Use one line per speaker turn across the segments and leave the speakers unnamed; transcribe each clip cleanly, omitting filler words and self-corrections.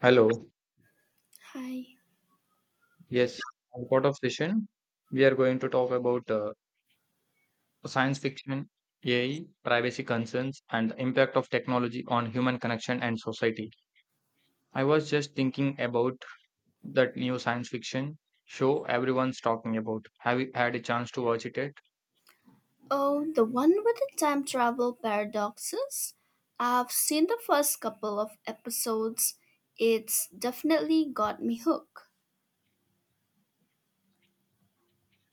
Hello.
Hi.
Yes, as part of session, we are going to talk about science fiction, AI, privacy concerns, and the impact of technology on human connection and society. I was just thinking about that new science fiction show everyone's talking about. Have you had a chance to watch it yet?
Oh, the one with the time travel paradoxes? I've seen the first couple of episodes. It's definitely got me hooked.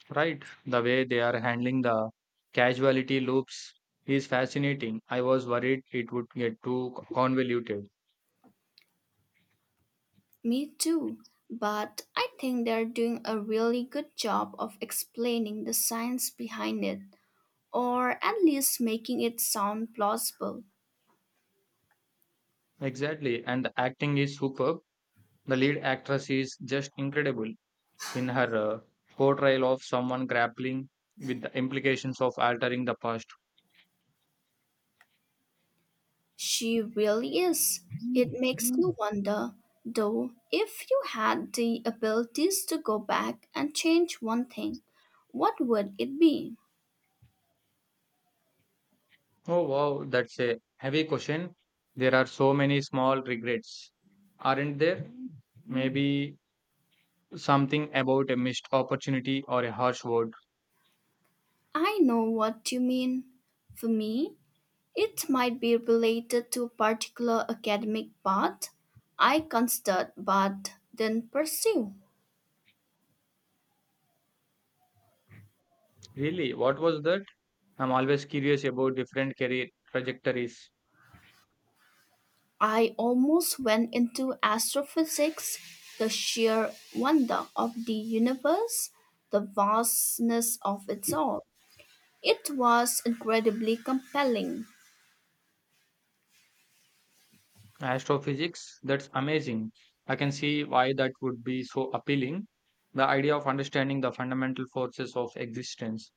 Right. The way they are handling the casualty loops is fascinating. I was worried it would get too convoluted.
Me too. But I think they're doing a really good job of explaining the science behind it, or at least making it sound plausible.
Exactly, and the acting is superb. The lead actress is just incredible in her portrayal of someone grappling with the implications of altering the past.
She really is. It makes you wonder, though, if you had the abilities to go back and change one thing, what would it be?
Oh wow, that's a heavy question. There are so many small regrets, aren't there? Maybe something about a missed opportunity or a harsh word.
I know what you mean. For me, it might be related to a particular academic path I considered but didn't pursue.
Really, what was that? I'm always curious about different career trajectories.
I almost went into astrophysics, the sheer wonder of the universe, the vastness of it all. It was incredibly compelling,
Astrophysics, that's amazing. I can see why that would be so appealing. The idea of understanding the fundamental forces of existence.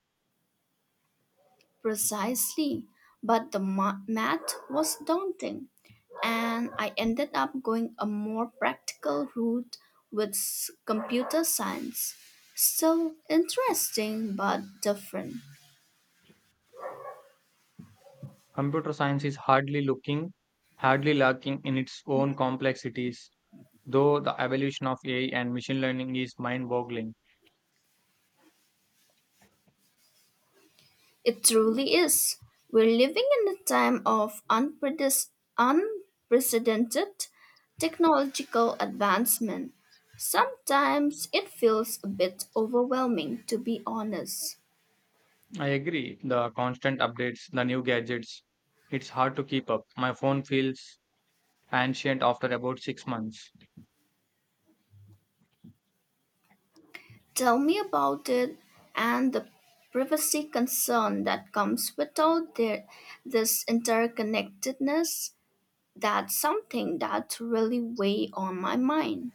precisely, but the math was daunting, and I ended up going a more practical route with computer science. Still interesting but different.
Computer science is hardly looking, hardly lacking in its own complexities, though the evolution of AI and machine learning is mind boggling.
It truly is. We're living in a time of unprecedented technological advancement. Sometimes it feels a bit overwhelming, to be honest.
I agree, the constant updates, the new gadgets, it's hard to keep up. My phone feels ancient after about 6 months.
Tell me about it, and the privacy concern that comes with this interconnectedness. That's something that really weigh on my mind.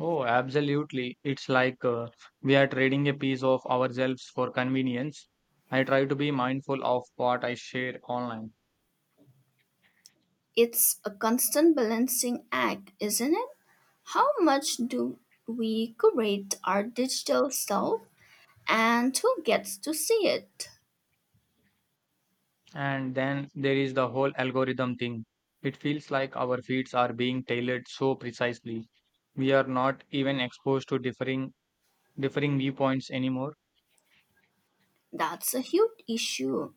Oh, absolutely. It's like we are trading a piece of ourselves for convenience. I try to be mindful of what I share online.
It's a constant balancing act, isn't it? How much do we curate our digital self, and who gets to see it?
And then there is the whole algorithm thing. It feels like our feeds are being tailored so precisely. We are not even exposed to differing viewpoints anymore.
That's a huge issue,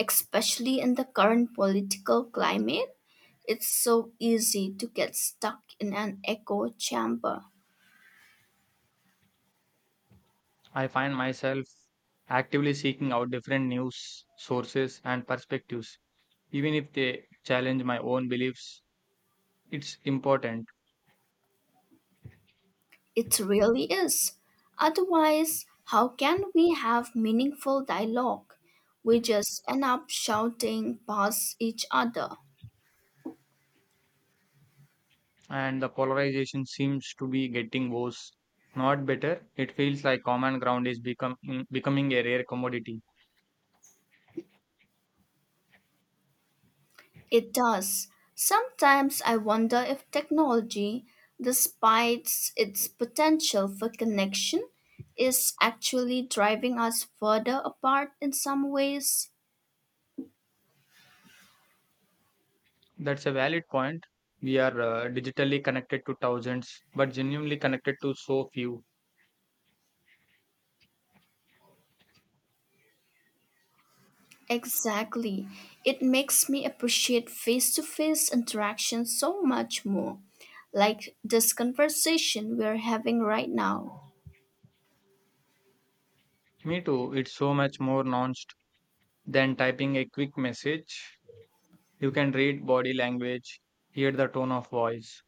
especially in the current political climate. It's so easy to get stuck in an echo chamber.
I find myself actively seeking out different news sources and perspectives, even if they challenge my own beliefs. It's important.
It really is. Otherwise, how can we have meaningful dialogue? We just end up shouting past each other.
And the polarization seems to be getting worse, not better. It feels like common ground is becoming a rare commodity.
It does. Sometimes I wonder if technology, despite its potential for connection, is actually driving us further apart in some ways.
That's a valid point. We are digitally connected to thousands but genuinely connected to so few.
Exactly. It makes me appreciate face to face interaction so much more, like this conversation we're having right now.
Me too. It's so much more nuanced than typing a quick message. You can read body language, hear the tone of voice.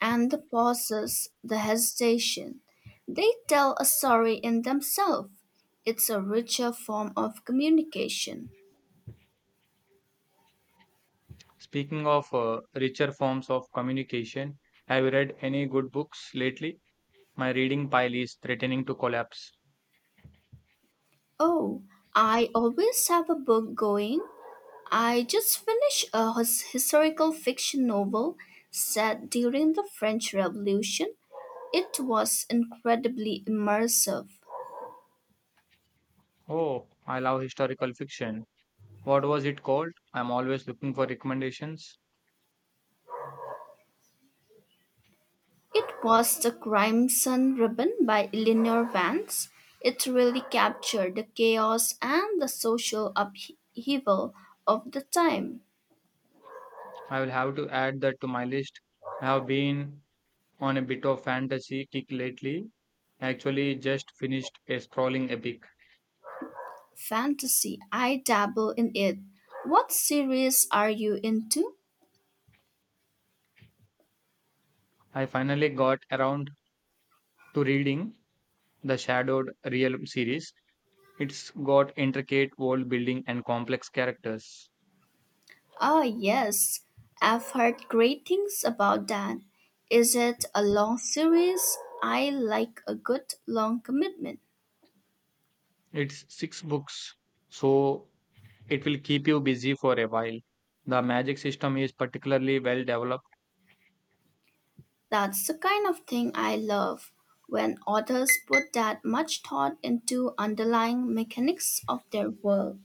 And the pauses, the hesitation. They tell a story in themselves. It's a richer form of communication.
Speaking of richer forms of communication, have you read any good books lately? My reading pile is threatening to collapse.
Oh, I always have a book going. I just finished a historical fiction novel set during the French Revolution. It was incredibly immersive.
Oh, I love historical fiction. What was it called? I'm always looking for recommendations.
It was the Crimson Ribbon by Eleanor Vance. It really captured the chaos and the social upheaval of the time.
I will have to add that to my list. I have been on a bit of fantasy kick lately. I actually just finished a sprawling epic.
Fantasy, I dabble in it. What series are you into?
I finally got around to reading the Shadowed Realm series. It's got intricate world building and complex characters.
Ah, yes, I've heard great things about that. Is it a long series? I like a good long commitment.
It's six books, so it will keep you busy for a while. The magic system is particularly well developed.
That's the kind of thing I love, when authors put that much thought into underlying mechanics of their work.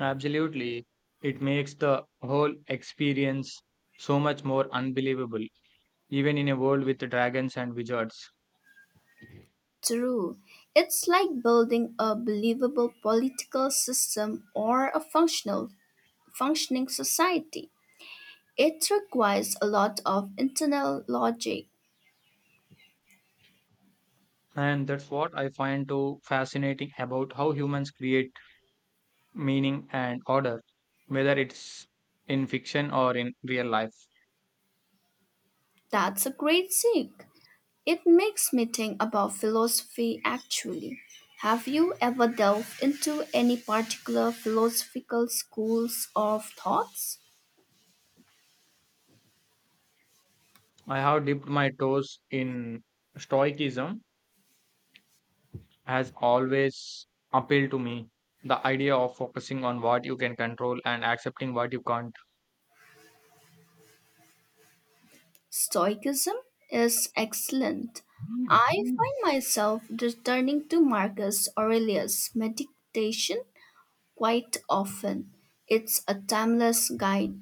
Absolutely. It makes the whole experience so much more unbelievable, even in a world with dragons and wizards.
True, it's like building a believable political system or a functional functioning society. It requires a lot of internal logic.
And that's what I find so fascinating about how humans create meaning and order, whether it's in fiction or in real life.
That's a great seek. It makes me think about philosophy actually. Have you ever delved into any particular philosophical schools of thoughts?
I have dipped my toes in Stoicism, has always appealed to me. The idea of focusing on what you can control and accepting what you can't.
Stoicism is excellent. I find myself returning to Marcus Aurelius' meditation quite often. It's a timeless guide.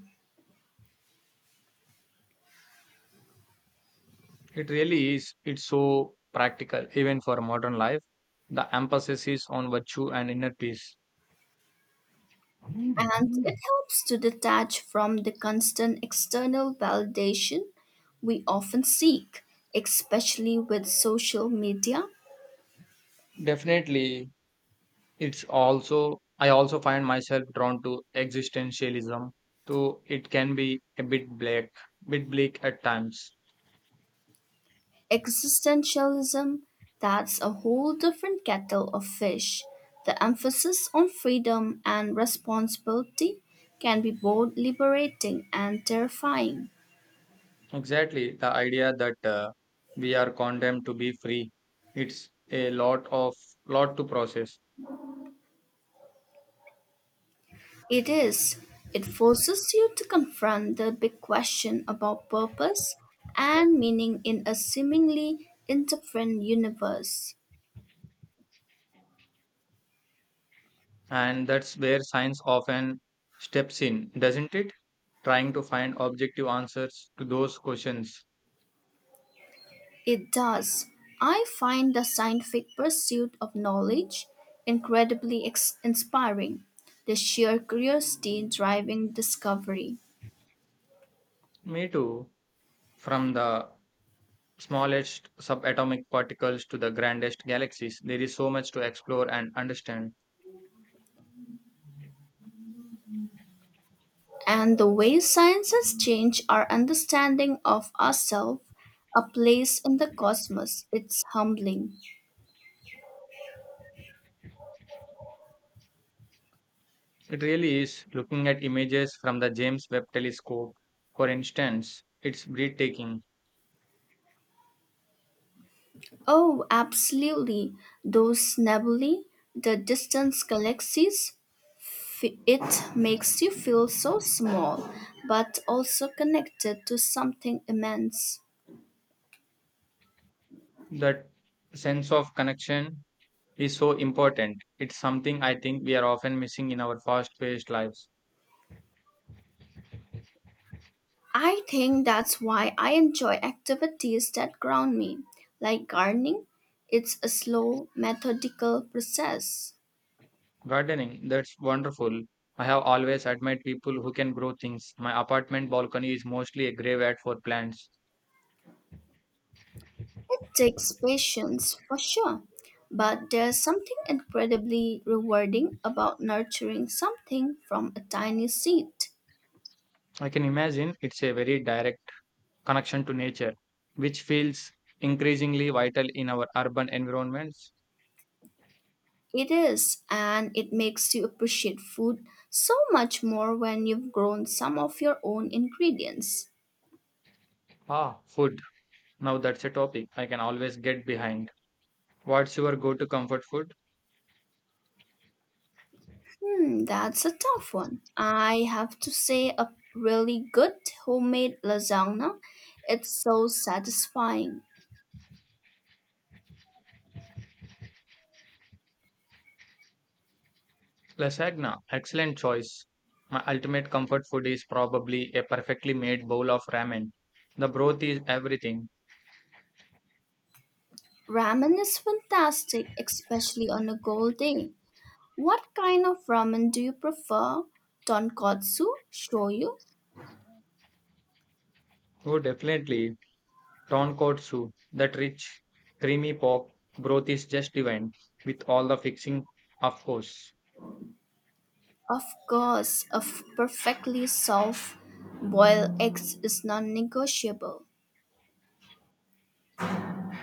It really is. It's so practical, even for modern life. The emphasis is on virtue and inner peace.
And it helps to detach from the constant external validation we often seek, especially with social media.
Definitely, it's also, I also find myself drawn to existentialism, though it can be a bit bleak at times.
Existentialism, that's a whole different kettle of fish. The emphasis on freedom and responsibility can be both liberating and terrifying.
Exactly, the idea that we are condemned to be free. It's a lot to process,
It is. It forces you to confront the big question about purpose and meaning in a seemingly indifferent universe.
and that's where science often steps in, doesn't it? Trying to find objective answers to those questions.
It does. I find the scientific pursuit of knowledge incredibly inspiring, the sheer curiosity driving discovery,
Me too. From the smallest subatomic particles to the grandest galaxies, there is so much to explore and understand.
and the way science has changed our understanding of ourselves, a place in the cosmos. It's humbling.
It really is. Looking at images from the James Webb Telescope, for instance, it's breathtaking.
Oh, absolutely. Those nebulae, the distant galaxies, it makes you feel so small, but also connected to something immense.
That sense of connection is so important. It's something I think we are often missing in our fast paced lives.
I think that's why I enjoy activities that ground me, like gardening. It's a slow, methodical process.
Gardening, that's wonderful. I have always admired people who can grow things. My apartment balcony is mostly a graveyard for plants.
It takes patience for sure, but there's something incredibly rewarding about nurturing something from a tiny seed.
I can imagine it's a very direct connection to nature, which feels increasingly vital in our urban environments.
It is, and it makes you appreciate food so much more when you've grown some of your own ingredients.
Ah, food. Now that's a topic I can always get behind. What's your go to comfort food?
Hmm, that's a tough one. I have to say, a really good homemade lasagna. It's so satisfying.
Lasagna, excellent choice. My ultimate comfort food is probably a perfectly made bowl of ramen. The broth is everything.
Ramen is fantastic, especially on a cold day. What kind of ramen do you prefer? Tonkotsu, shoyu.
Oh, definitely. Tonkotsu, that rich, creamy pork broth is just divine, with all the fixing, of course.
Of course, a perfectly soft boiled egg is non negotiable.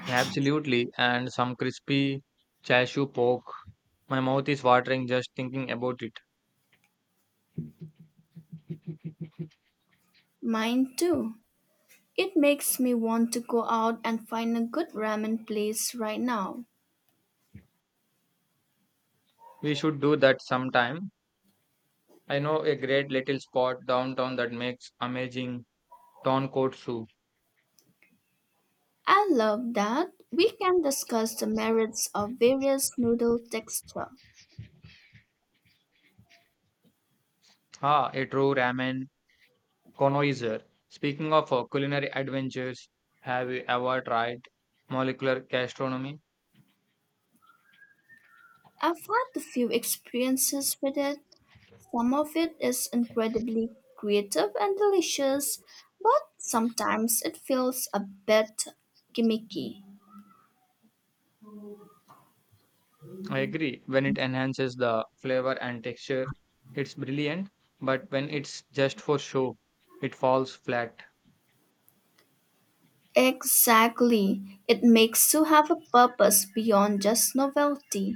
Absolutely, and some crispy chashu pork. My mouth is watering just thinking about it.
Mine too. It makes me want to go out and find a good ramen place right now.
We should do that sometime. I know a great little spot downtown that makes amazing tonkotsu.
I love that we can discuss the merits of various noodle texture.
Ah, a true ramen connoisseur. Speaking of culinary adventures, have you ever tried molecular gastronomy?
I've had a few experiences with it. Some of it is incredibly creative and delicious, but sometimes it feels a bit gimmicky.
I agree. When it enhances the flavor and texture, it's brilliant. But when it's just for show, it falls flat.
Exactly. It makes you have a purpose beyond just novelty,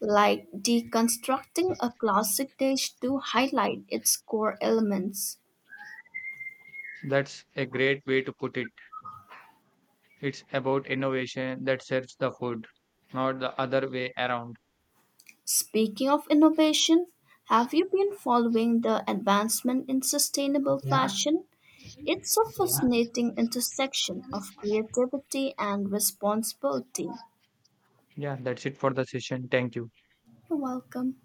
like deconstructing a classic dish to highlight its core elements.
That's a great way to put it. It's about innovation that serves the food, not the other way around.
Speaking of innovation, have you been following the advancement in sustainable fashion? It's a fascinating intersection of creativity and responsibility.
Yeah, that's it for the session. Thank you.
You're welcome.